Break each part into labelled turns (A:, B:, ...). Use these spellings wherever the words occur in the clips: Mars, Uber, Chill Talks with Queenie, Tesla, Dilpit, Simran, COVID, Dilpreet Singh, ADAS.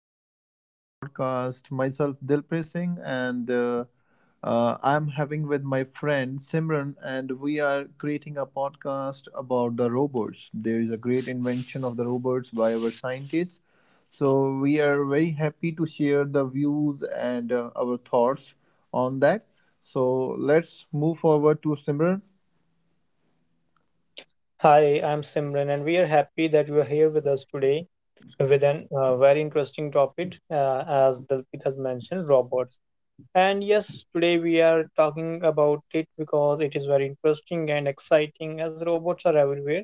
A: Welcome to our podcast. Myself, Dilpreet Singh, and I'm having with my friend Simran, and we are creating a podcast about the robots. There is a great invention of the robots by our scientists. So we are very happy to share the views and our thoughts on that. So let's move forward to Simran.
B: Hi, I'm Simran, and we are happy that you are here with us today with an very interesting topic, as Dilpit has mentioned, robots. And yes, today we are talking about it because it is very interesting and exciting as robots are everywhere.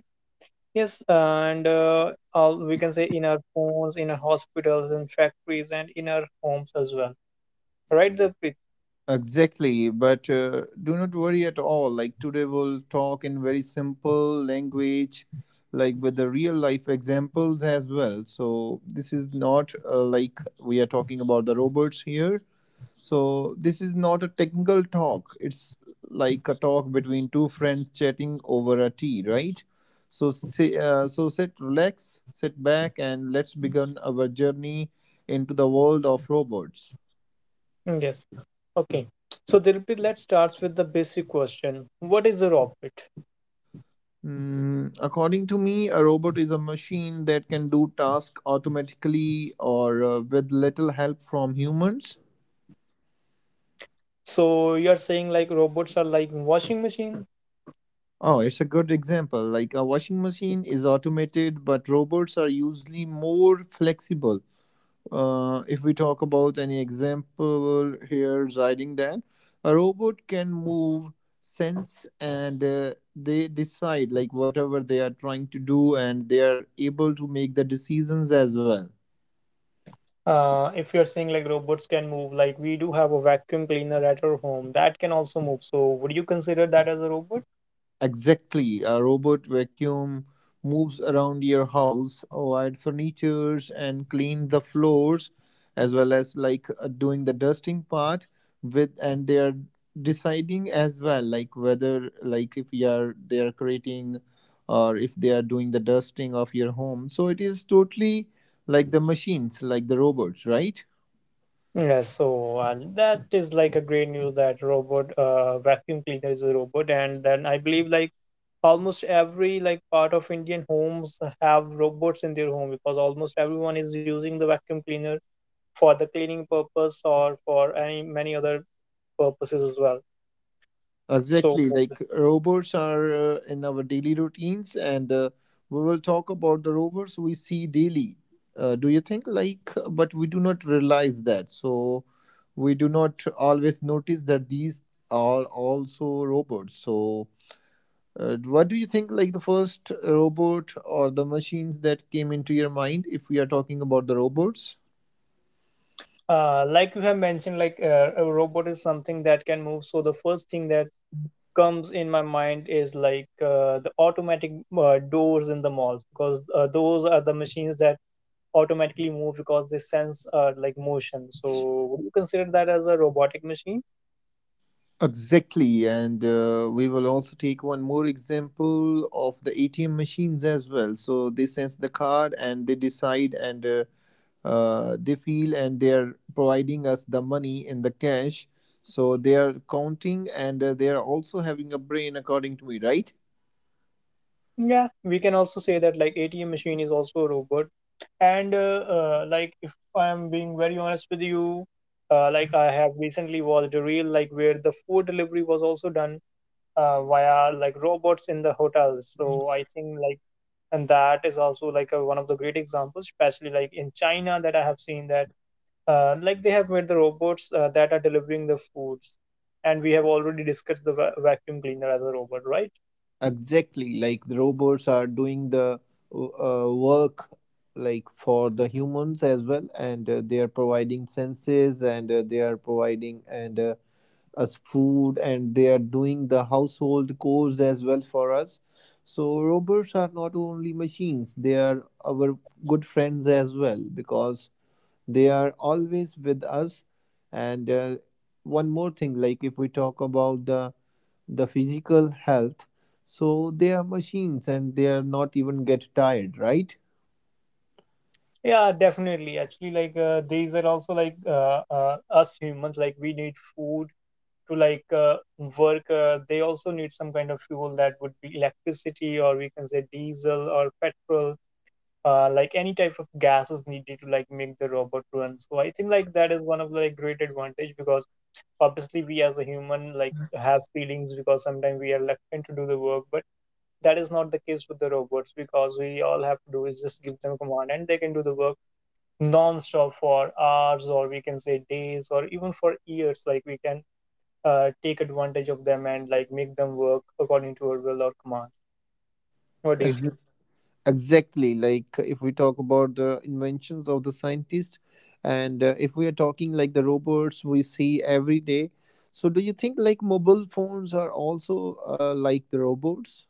B: Yes, and all we can say in our phones, in our hospitals, in factories, and in our homes as well. Right, Dilpit?
A: Exactly, but do not worry at all. Like today, we'll talk in very simple language, like with the real life examples as well. So, this is not like we are talking about the robots here. So, this is not a technical talk, it's like a talk between two friends chatting over a tea, right? So sit, relax, sit back, and let's begin our journey into the world of robots.
B: Yes. Okay. So, Dilpit, let's start with the basic question. What is a robot?
A: Mm, according to me, a robot is a machine that can do tasks automatically or with little help from humans.
B: So you're saying like robots are like washing machine?
A: Oh, it's a good example. Like a washing machine is automated, but robots are usually more flexible. If we talk about any example here, regarding that, a robot can move, sense, and they decide like whatever they are trying to do, and they are able to make the decisions as well.
B: If you're saying like robots can move, like we do have a vacuum cleaner at our home that can also move. So would you consider that as a robot?
A: Exactly. A robot vacuum moves around your house, wide furnitures, and clean the floors, as well as like doing the dusting part with, and they are deciding as well, like whether like if you are they are creating or if they are doing the dusting of your home. So it is totally like the machines, like the robots, right?
B: Yes. So that is like a great news that robot vacuum cleaner is a robot, and then I believe like almost every like part of Indian homes have robots in their home because almost everyone is using the vacuum cleaner for the cleaning purpose or for any many other purposes as well. So
A: Exactly, like robots are in our daily routines, and we will talk about the robots we see daily. Do you think like, but we do not realize that, so we do not always notice that these are also robots. So what do you think, like the first robot or the machines that came into your mind if we are talking about the robots?
B: Like you have mentioned, like a robot is something that can move. So the first thing that comes in my mind is like the automatic doors in the malls because those are the machines that automatically move because they sense like motion. So would you consider that as a robotic machine?
A: Exactly, and we will also take one more example of the ATM machines as well. So they sense the card and they decide and they feel and they are providing us the money in the cash. So they are counting and they are also having a brain, according to me, right?
B: Yeah, we can also say that like ATM machine is also a robot. And like if I'm being very honest with you, like I have recently watched a reel like where the food delivery was also done via like robots in the hotels. So I think like and that is also like a, one of the great examples, especially like in China that I have seen that like they have made the robots that are delivering the foods, and we have already discussed the vacuum cleaner as a robot, right?
A: Exactly, like the robots are doing the work like for the humans as well, and they are providing senses, and they are providing and us food, and they are doing the household chores as well for us. So robots are not only machines; they are our good friends as well because they are always with us. And one more thing, like if we talk about the physical health. So they are machines and they are not even get tired, right?
B: Yeah, definitely. Actually, like these are also like us humans, like we need food to like work. They also need some kind of fuel that would be electricity or we can say diesel or petrol, like any type of gas is needed to like make the robot run. So I think like that is one of the like great advantage because obviously we as a human like have feelings because sometimes we are reluctant to do the work, but that is not the case with the robots because we all have to do is just give them a command and they can do the work non-stop for hours or we can say days or even for years. Like we can take advantage of them and like make them work according to our will or command. What do you
A: Ex-
B: think?
A: Exactly, like if we talk about the inventions of the scientist, and if we are talking like the robots we see every day, so do you think like mobile phones are also like the robots?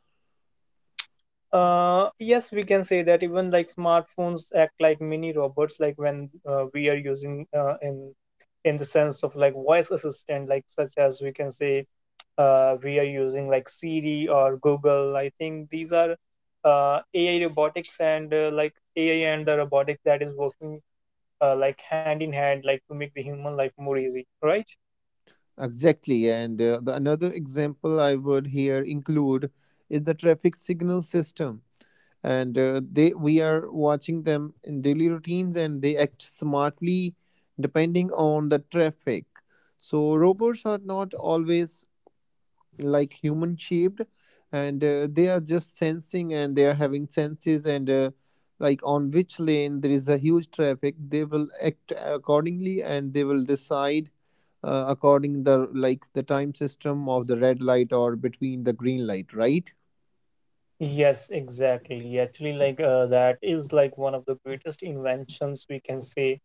B: Yes, we can say that even like smartphones act like mini robots, like when we are using in the sense of like voice assistant, like such as we can say we are using like Siri or Google. I think these are AI robotics and like AI and the robotics that is working like hand in hand, like to make the human life more easy, right?
A: Exactly, and the another example I would here include is the traffic signal system, and they we are watching them in daily routines, and they act smartly depending on the traffic. So robots are not always like human shaped and they are just sensing and they are having senses and like on which lane there is a huge traffic, they will act accordingly and they will decide according the like the time system of the red light or between the green light, right?
B: Yes, exactly. Actually, like that is like one of the greatest inventions we can say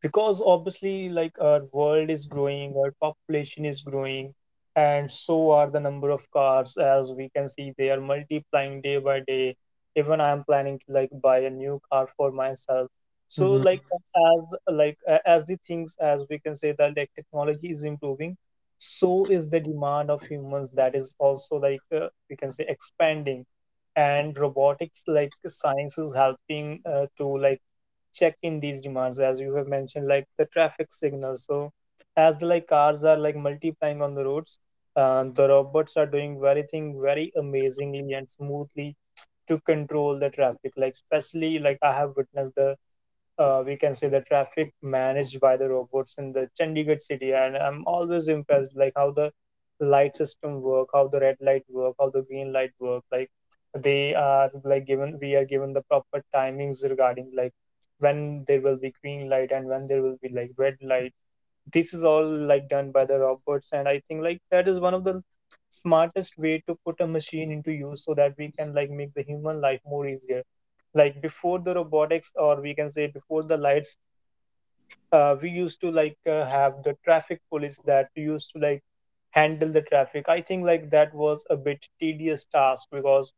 B: because obviously like our world is growing, our population is growing, and so are the number of cars as we can see they are multiplying day by day. Even I am planning to like buy a new car for myself. So like
A: Mhm.
B: as like as the things as we can say that like technology is improving, so is the demand of humans that is also like, we can say, expanding. And robotics like science is helping to like check in these demands as you have mentioned like the traffic signals. So as the like cars are like multiplying on the roads, the robots are doing very thing very amazingly and smoothly to control the traffic, like especially like I have witnessed the, we can say, the traffic managed by the robots in the Chandigarh city. And I'm always impressed like how the light system work, how the red light work, how the green light work. Like they are like given we are given the proper timings regarding like when there will be green light and when there will be like red light. This is all like done by the robots, and I think like that is one of the smartest way to put a machine into use so that we can like make the human life more easier. Like before the robotics or we can say before the lights, we used to like have the traffic police that used to like handle the traffic. I think like that was a bit tedious task because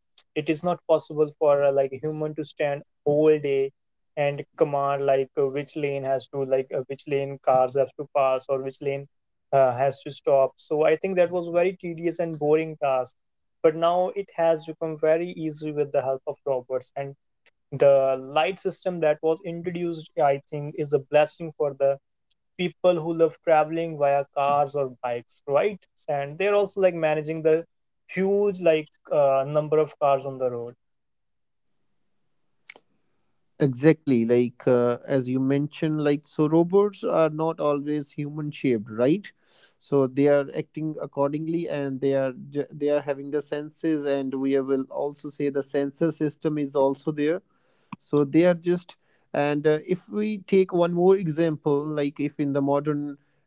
B: it is not possible for like a human to stand whole day and command like which lane has to like which lane cars have to pass or which lane has to stop. So I think that was very tedious and boring task, but now it has become very easy with the help of robots, and the light system that was introduced I think is a blessing for the people who love traveling via cars or bikes, right? And they're also like managing the huge like number of cars on the road.
A: Exactly, like as you mentioned, like so robots are not always human shaped, right? So they are acting accordingly, and they are they are having the senses, and we will also say the sensor system is also there. So they are just and if we take one more example like if in the modern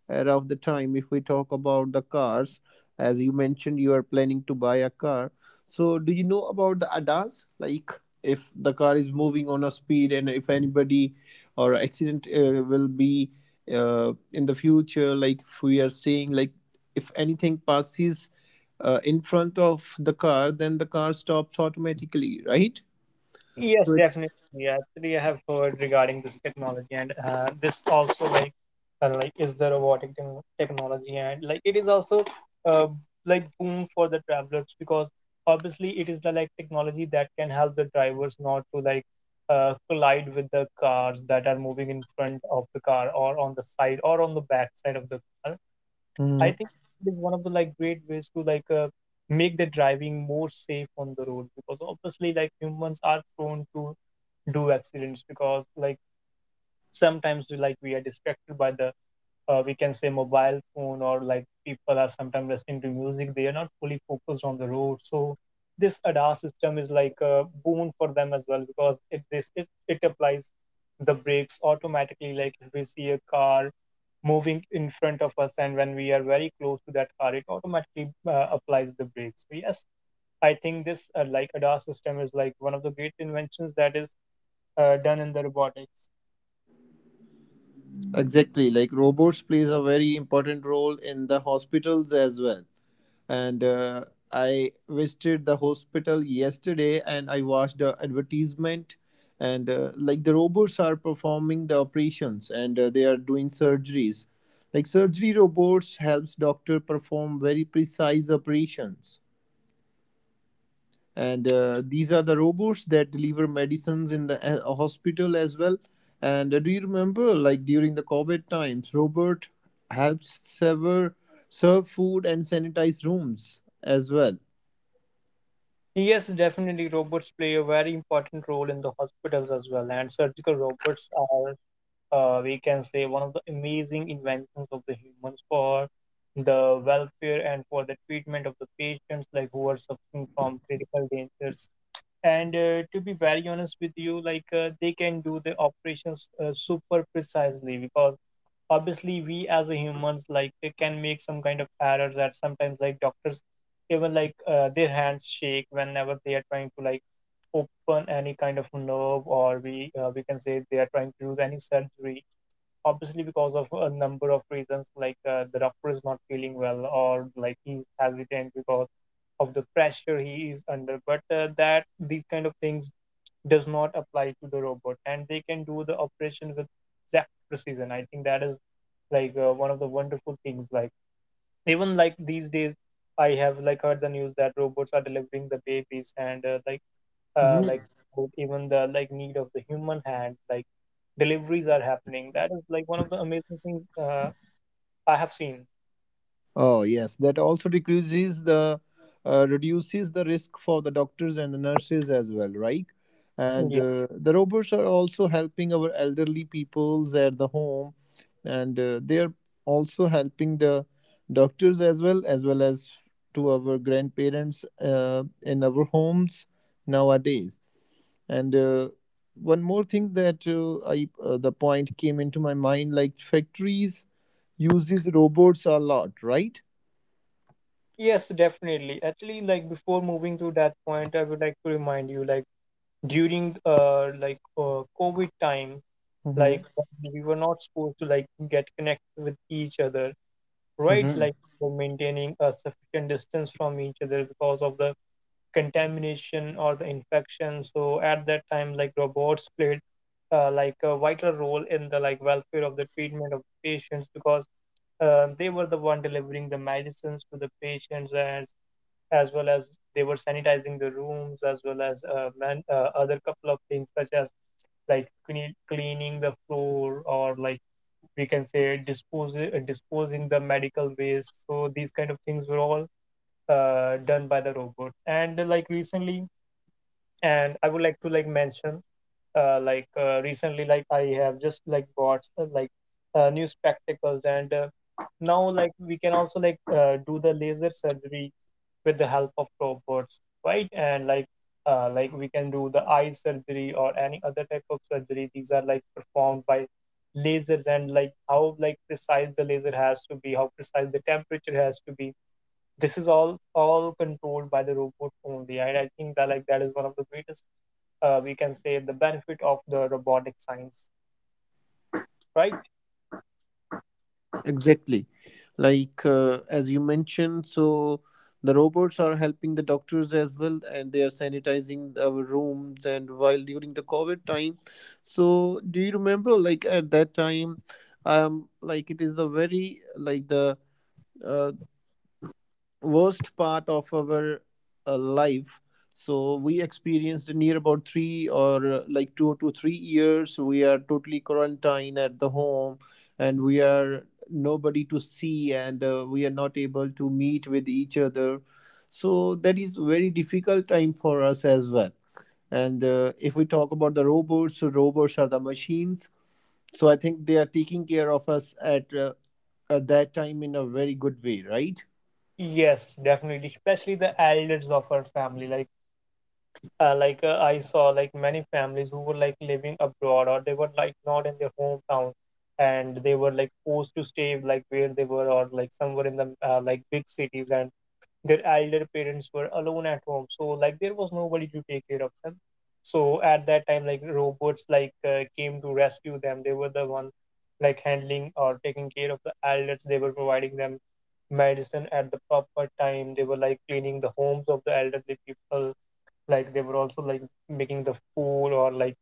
A: era of the time, if we talk about the cars, as you mentioned you are planning to buy a car, so do you know about the adas, like if the car is moving on a speed and if anybody or accident will be in the future, like if we are saying, like if anything passes in front of the car, then the car stops automatically, right?
B: Yes, definitely. Actually, I have heard regarding this technology, and this also like is the robotic technology, and like it is also uh, like boom for the travelers because obviously it is the like technology that can help the drivers not to like collide with the cars that are moving in front of the car or on the side or on the back side of the car. I
A: Mhm.
B: think it is one of the like great ways to like make the driving more safe on the road because obviously like humans are prone to do accidents because like sometimes we like we are distracted by the, we can say, mobile phone, or like people are sometimes listening to music, they are not fully focused on the road. So this ADAS system is like a boon for them as well because it applies the brakes automatically like if we see a car moving in front of us and when we are very close to that car it automatically applies the brakes. So yes, I think this like ADAS system is like one of the great inventions that is done in the robotics.
A: Exactly. Like robots plays a very important role in the hospitals as well. And I visited the hospital yesterday and I watched the advertisement and like the robots are performing the operations and they are doing surgeries. Like surgery robots helps doctor perform very precise operations and these are the robots that deliver medicines in the hospital as well, and do you remember like during the covid times robert helped serve food and sanitize rooms as well?
B: Yes, definitely. Robots play a very important role in the hospitals as well. And surgical robots are, we can say, one of the amazing inventions of the humans for the welfare and for the treatment of the patients, like who are suffering from critical dangers. And to be very honest with you, like they can do the operations super precisely because obviously we as a humans like it can make some kind of errors that sometimes like doctors even like their hands shake whenever they are trying to like open any kind of nerve or we can say they are trying to do any surgery, obviously because of a number of reasons like the doctor is not feeling well or like he's hesitant because of the pressure he is under. But that these kind of things does not apply to the robot and they can do the operation with exact precision. I think that is like, one of the wonderful things, like even like these days I have like heard the news that robots are delivering the babies and, like
A: Mhm.
B: even the like need of the human hand like deliveries are happening. That is like one of the amazing things I have seen.
A: Oh, yes, that also decreases the reduces the risk for the doctors and the nurses as well, right? And
B: Yeah.
A: the robots are also helping our elderly peoples at the home, and they are also helping the doctors as well, as well as to our grandparents in our homes nowadays. And one more thing that I the point came into my mind, like factories uses robots a lot, right?
B: Yes, definitely. Actually, like before moving to that point, I would like to remind you like during covid time, like
A: Mm-hmm.
B: we were not supposed to like get connected with each other, right?
A: Mm-hmm.
B: Like the maintaining a sufficient distance from each other because of the contamination or the infection. So at that time, like robots played like a vital role in the like welfare of the treatment of the patients, because they were the one delivering the medicines to the patients, and as well as they were sanitizing the rooms, as well as other couple of things such as like cleaning the floor, or like we can say disposing the medical waste. So these kind of things were all done by the robots. And like recently, and I would like to like mention recently, like I have just like bought new spectacles. And now, like we can also like do the laser surgery with the help of robots, right? And like we can do the eye surgery or any other type of surgery. These are like performed by lasers, and like how like precise the laser has to be, how precise the temperature has to be, this is all controlled by the robot only. And I think that like that is one of the greatest, we can say, the benefit of the robotic science, right?
A: Exactly. Like as you mentioned, so the robots are helping the doctors as well, and they are sanitizing our rooms. And while during the COVID time, so do you remember, like at that time, like it is the very like the uh, worst part of our life, so we experienced near about three or like 2 to 3 years we are totally quarantined at the home and we are nobody to see and we are not able to meet with each other, so that is very difficult time for us as well. And if we talk about the robots, so robots are the machines, so I think they are taking care of us at that time in a very good way, right?
B: Yes, definitely. Especially the elders of our family, like I saw like many families who were like living abroad, or they were like not in their hometown, and they were like forced to stay like where they were, or like somewhere in the like big cities, and their elder parents were alone at home, so like there was nobody to take care of them. So at that time, like robots like came to rescue them. They were the one like handling or taking care of the elders. They were providing them medicine at the proper time. They were like cleaning the homes of the elderly people. Like they were also like making the food, or like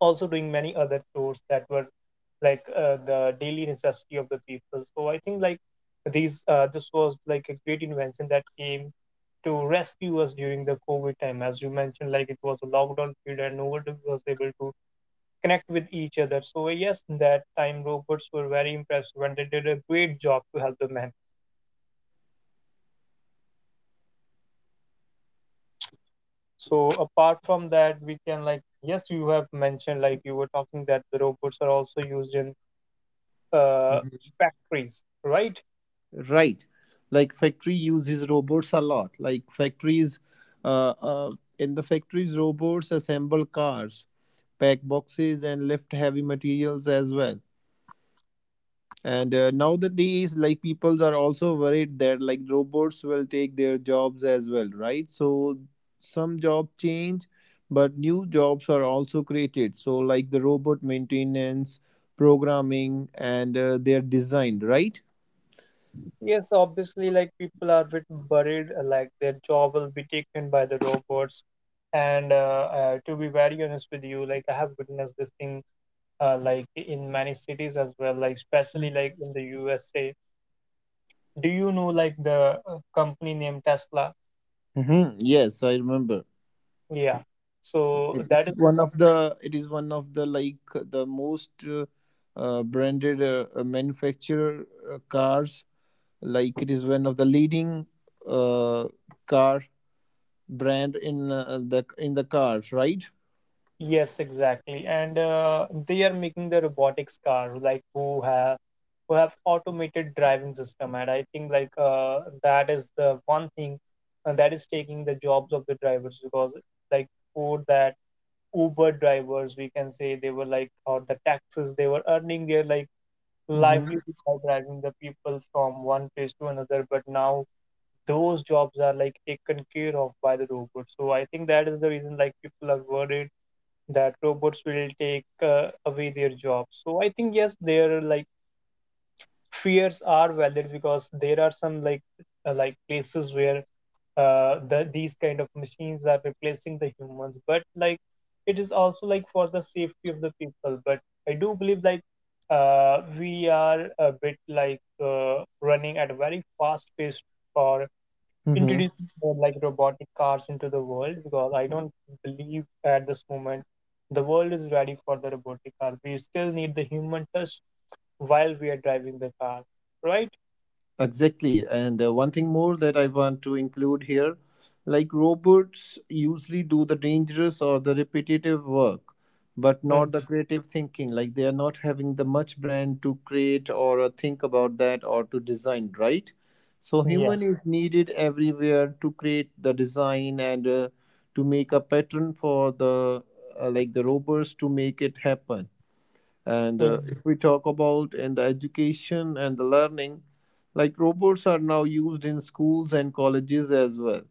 B: also doing many other chores that were like the daily necessity of the people. So I think like these this was like a great invention that came to rescue us during the COVID time. As you mentioned, like it was a lockdown period, and nobody was able to connect with each other. So yes, in that time robots were very impressive, and they did a great job to help the man. So apart from that, we can like yes, you have mentioned like you were talking that the robots are also used in uh, factories, right?
A: Right. Like factory uses robots a lot. Like factories, uh, uh, in the factories, robots assemble cars, pack boxes, and lift heavy materials as well. And nowadays, like people are also worried that like robots will take their jobs as well, right? So some job change, but new jobs are also created. So like the robot maintenance, programming, and their design, right?
B: Yes, obviously, like people are a bit worried, like their job will be taken by the robots. And to be very honest with you, like I have witnessed this thing, like in many cities as well, like especially like in the USA. Do you know like the company named Tesla?
A: Mm-hmm. Yes, I remember.
B: Yeah.
A: It
B: So that
A: is
B: is the
A: one of
B: company.
A: the like the most branded manufacturer cars. Like it is one of the leading uh, car brand in the in the cars, right?
B: Yes, exactly. And they are making the robotics car like who have automated driving system. And I think like that is the one thing that is taking the jobs of the drivers, because like for that Uber drivers, we can say they were like, or the taxes they were earning their like
A: Mm-hmm.
B: livelihood by driving the people from one place to another. But now those jobs are like taken care of by the robots. So I think that is the reason like people are worried that robots will take away their jobs. So I think yes, their like fears are valid, because there are some like places where these kind of machines are replacing the humans. But like it is also like for the safety of the people. But I do believe like we are a bit like running at a very fast pace, or
A: Mm-hmm.
B: introducing more like robotic cars into the world, because I don't believe at this moment the world is ready for the robotic car. We still need the human touch while we are driving the car, right?
A: Exactly. And one thing more that I want to include here, like robots usually do the dangerous or the repetitive work, but
B: Mm,
A: not the creative thinking. Like they are not having the much brain to create or think about that or to design, right? So
B: yeah.
A: human is needed everywhere to create the design and to make a pattern for the like the robots to make it happen. And
B: Mm.
A: if we talk about in the education and the learning, like robots are now used in schools and colleges as well.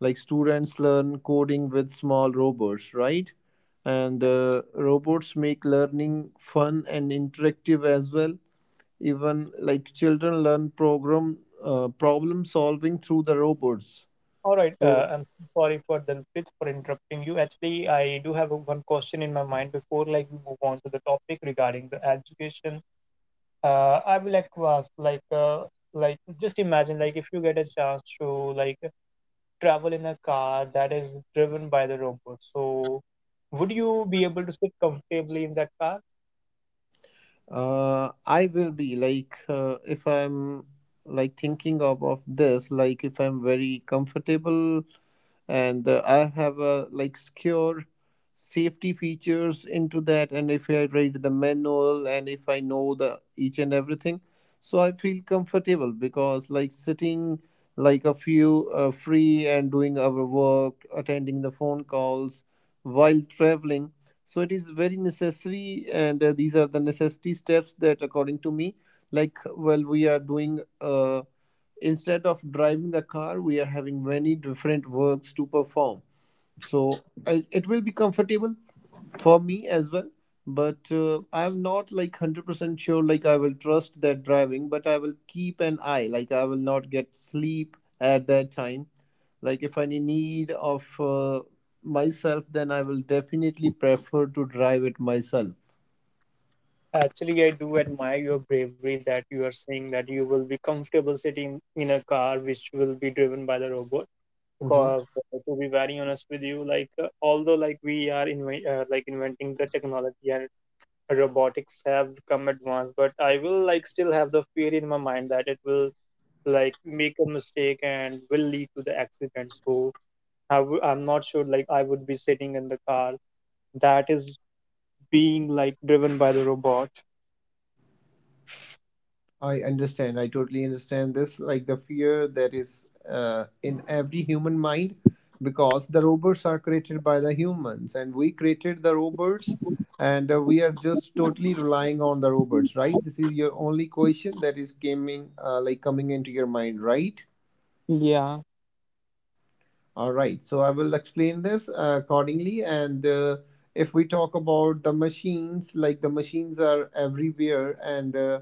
A: Like students learn coding with small robots, right? And robots make learning fun and interactive as well. Even like children learn program problem solving through the robots.
B: All right. Uh,
A: So
B: I'm sorry for Dalpit for interrupting you. Actually, I do have one question in my mind before like we move on to the topic regarding the education. I would like to ask like just imagine like if you get a chance to like travel in a car that is driven by the robot. So, would you be able to sit comfortably in that car?
A: I will be like if I'm like thinking of this, like if I'm very comfortable and I have a like secure safety features into that, and if I read the manual and if I know the each and everything, so I feel comfortable because like sitting like a few free and doing our work, attending the phone calls while traveling, so it is very necessary and these are the necessity steps that according to me, like well we are doing instead of driving the car we are having many different works to perform. So it will be comfortable for me as well, but I'm not like 100% sure like I will trust that driving, but I will keep an eye, like I will not get sleep at that time. Like if I need of myself, then I will definitely prefer to drive it myself.
B: Actually, I do admire your bravery that you are saying that you will be comfortable sitting in a car which will be driven by the robot.
A: Mm-hmm.
B: Because to be very honest with you, like although like we are like inventing the technology, and robotics have come advanced, but I will like still have the fear in my mind that it will like make a mistake and will lead to the accident. So I'm not sure like I would be sitting in the car that is being like driven by the robot.
A: I understand. I totally understand this. Like the fear that is in every human mind, because the robots are created by the humans, and we created the robots, and we are just totally relying on the robots, right? This is your only question that is coming, like coming into your mind, right?
B: Yeah.
A: All right, so I will explain this accordingly. And if we talk about the machines, like the machines are everywhere, and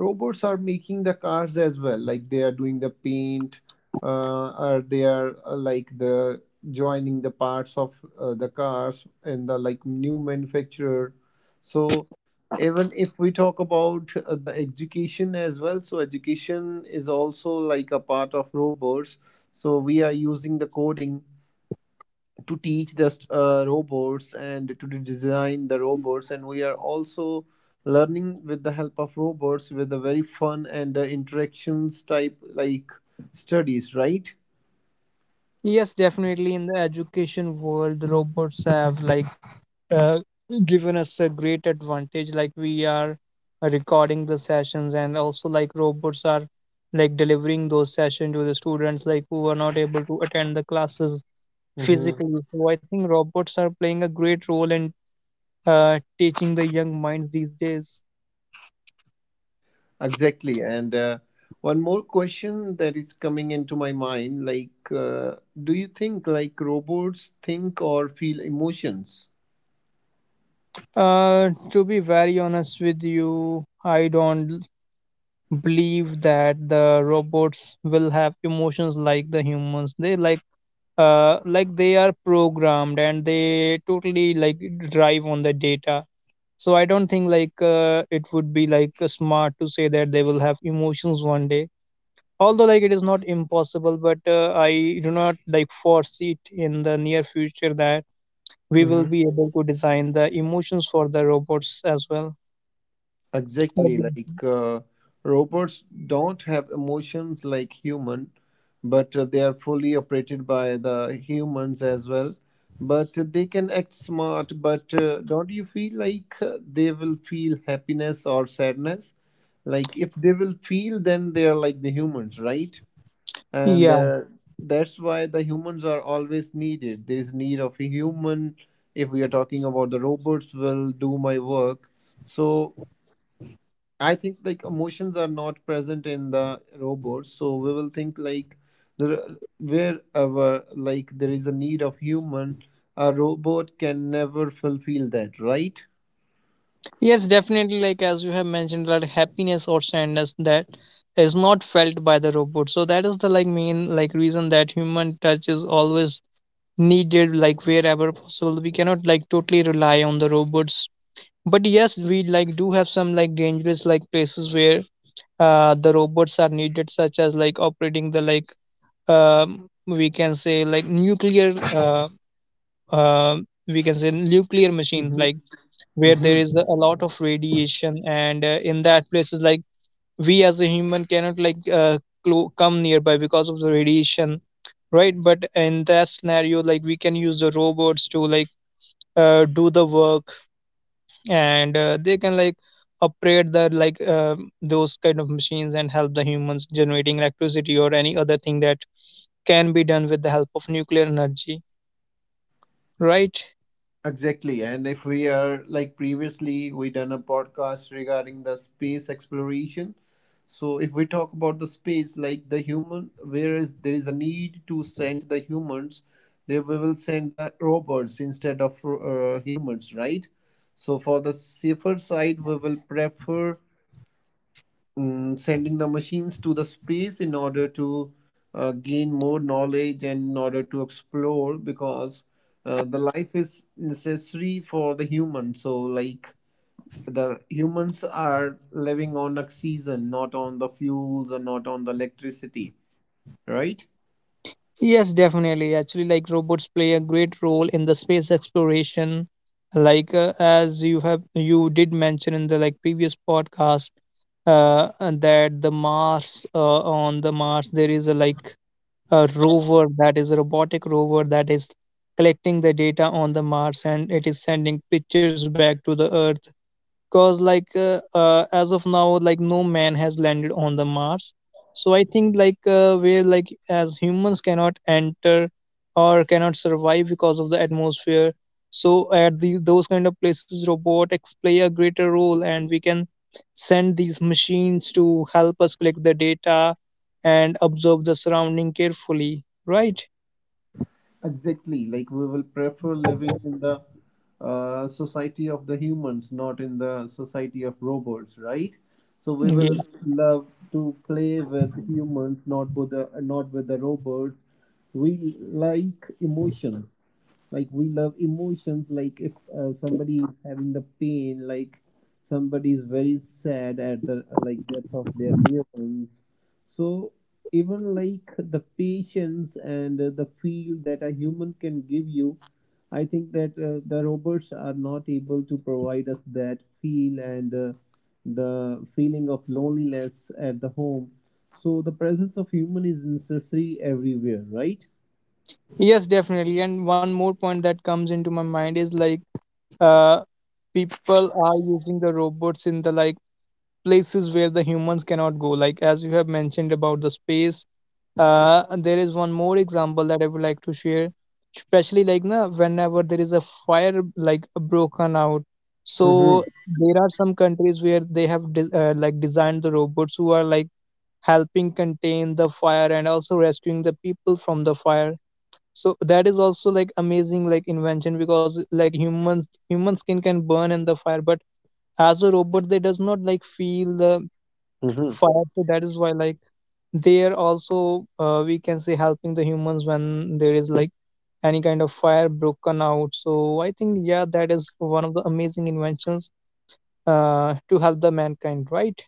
A: robots are making the cars as well. Like they are doing the paint, or they are like the joining the parts of the cars and the like new manufacturer. So even if we talk about the education as well, so education is also like a part of robots, so we are using the coding to teach the robots and to design the robots, and we are also learning with the help of robots with a very fun and interactions type like studies, right?
B: Yes, definitely. In the education world, the robots have like uh, given us a great advantage. Like we are recording the sessions, and also like robots are like delivering those sessions to the students like who are not able to attend the classes
A: Hmm.
B: physically. So I think robots are playing a great role in teaching the young minds these days.
A: Exactly. And One more question that is coming into my mind, like, do you think like robots think or feel emotions?
B: To be very honest with you, I don't believe that the robots will have emotions like the humans. They like they are programmed, and they totally like drive on the data. So I don't think like it would be like smart to say that they will have emotions one day. Although like it is not impossible, but I do not like foresee it in the near future that we will
A: Hmm.
B: be able to design the emotions for the robots as well.
A: Exactly.
B: Obviously.
A: Like, robots don't have emotions like human, but they are fully operated by the humans as well. But they can act smart, but don't you feel like they will feel happiness or sadness? Like, if they will feel, then they are like the humans, right? and
B: Yeah.
A: That's why the humans are always needed. There is need of a human if we are talking about the robots will do my work. So I think like emotions are not present in the robots, so we will think like the wherever like there is a need of human, a robot can never fulfill that, right?
B: Yes, definitely. Like as you have mentioned, that happiness or sadness that is not felt by the robot. So that is the like main like reason that human touch is always needed, like wherever possible. We cannot like totally rely on the robots. But yes, we like do have some like dangerous like places where the robots are needed, such as like operating the like we can say like nuclear uh we can say nuclear machines, like where there is a lot of radiation, and in that places like we as a human cannot like come nearby because of the radiation, right? But in that scenario, like we can use the robots to like do the work, and they can like operate the like those kind of machines, and help the humans generating electricity or any other thing that can be done with the help of nuclear energy, right?
A: Exactly. And if we are, like, previously we done a podcast regarding the space exploration. So if we talk about the space, like the human where is there is a need to send the humans, there we will send the robots instead of humans, right? So for the safer side, we will prefer sending the machines to the space in order to gain more knowledge and in order to explore, because the life is necessary for the human. So like the humans are living on oxygen, not on the fuels and not on the electricity, right?
B: Yes, definitely. Actually, like robots play a great role in the space exploration. Like as you have you did mention in the like previous podcast, and that the Mars, on the Mars there is a like a rover, that is a robotic rover that is collecting the data on the Mars, and it is sending pictures back to the Earth, because like as of now, like no man has landed on the Mars. So I think like where like as humans cannot enter or cannot survive because of the atmosphere. So those kind of places robotics play a greater role, and we can send these machines to help us collect the data and observe the surrounding carefully, right?
A: Exactly, like we will prefer living in the society of the humans, not in the society of robots, right? So we
B: Yeah.
A: will love to play with humans, not with the not with the robots. We like emotion, like we love emotions, like if somebody is having the pain, like somebody is very sad at the like death of their near ones, so even like the patience and the feel that a human can give you, I think that the robots are not able to provide us that feel, and the feeling of loneliness at the home, so the presence of human is necessary everywhere, right?
B: Yes, definitely, and one more point that comes into my mind is like uh, people are using the robots in the like places where the humans cannot go, like as you have mentioned about the space. There is one more example that I would like to share, especially like whenever there is a fire like broken out.
A: Mm-hmm.
B: So there are some countries where they have like designed the robots who are like helping contain the fire and also rescuing the people from the fire. So that is also like amazing like invention, because like human skin can burn in the fire, but as a robot they does not like feel the fire. So that is why like they are also we can say helping the humans when there is like any kind of fire broken out. So I think yeah, that is one of the amazing inventions to help the mankind, right?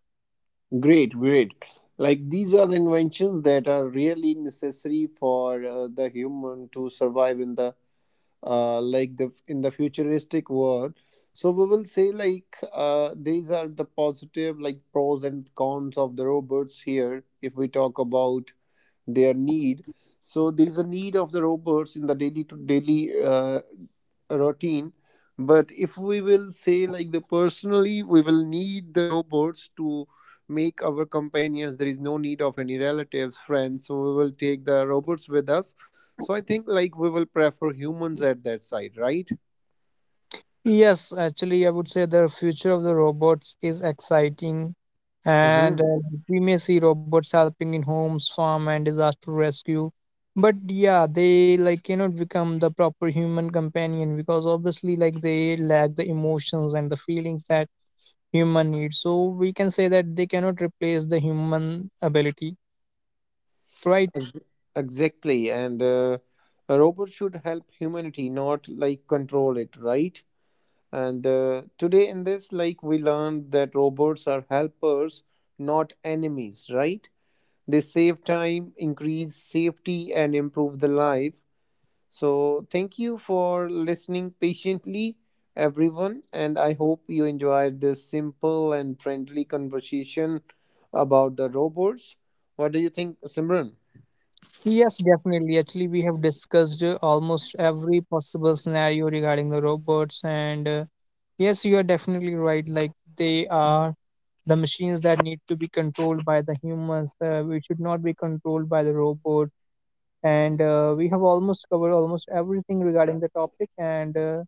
A: Great, great. Like these are the inventions that are really necessary for the human to survive in the like the in the futuristic world. So we will say like these are the positive like pros and cons of the robots here. If we talk about their need. So there is a need of the robots in the daily to daily routine. But if we will say like the personally, we will need the robots to make our companions. There is no need of any relatives, friends. So we will take the robots with us. So I think like we will prefer humans at that side, right?
B: Yes, actually, I would say the future of the robots is exciting, and
A: Mm-hmm.
B: we may see robots helping in homes, farm, and disaster rescue. But yeah, they like cannot become the proper human companion, because obviously, like they lack the emotions and the feelings that human needs. So we can say that they cannot replace the human ability, right?
A: Ex- exactly. And A robot should help humanity, not like control it, right? And today, in this, like we learned that robots are helpers, not enemies, right? They save time, increase safety, and improve the life. So, thank you for listening patiently, everyone. And I hope you enjoyed this simple and friendly conversation about the robots. What do you think, Simran?
B: Yes, definitely. Actually, we have discussed almost every possible scenario regarding the robots, and yes, you are definitely right. Like, they are the machines that need to be controlled by the humans, we should not be controlled by the robot. And we have almost covered almost everything regarding the topic, and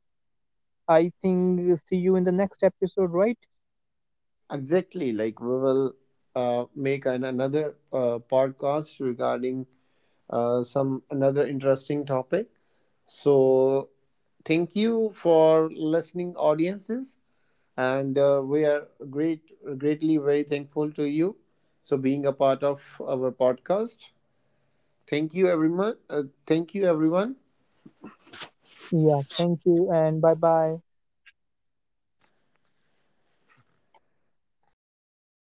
B: I think we'll see you in the next episode, right?
A: Exactly. Like, we will make another podcast regarding some another interesting topic. So thank you for listening, audiences, and we are greatly very thankful to you. So being a part of our podcast, thank you everyone. Thank you everyone.
B: Yeah, thank you, and bye bye.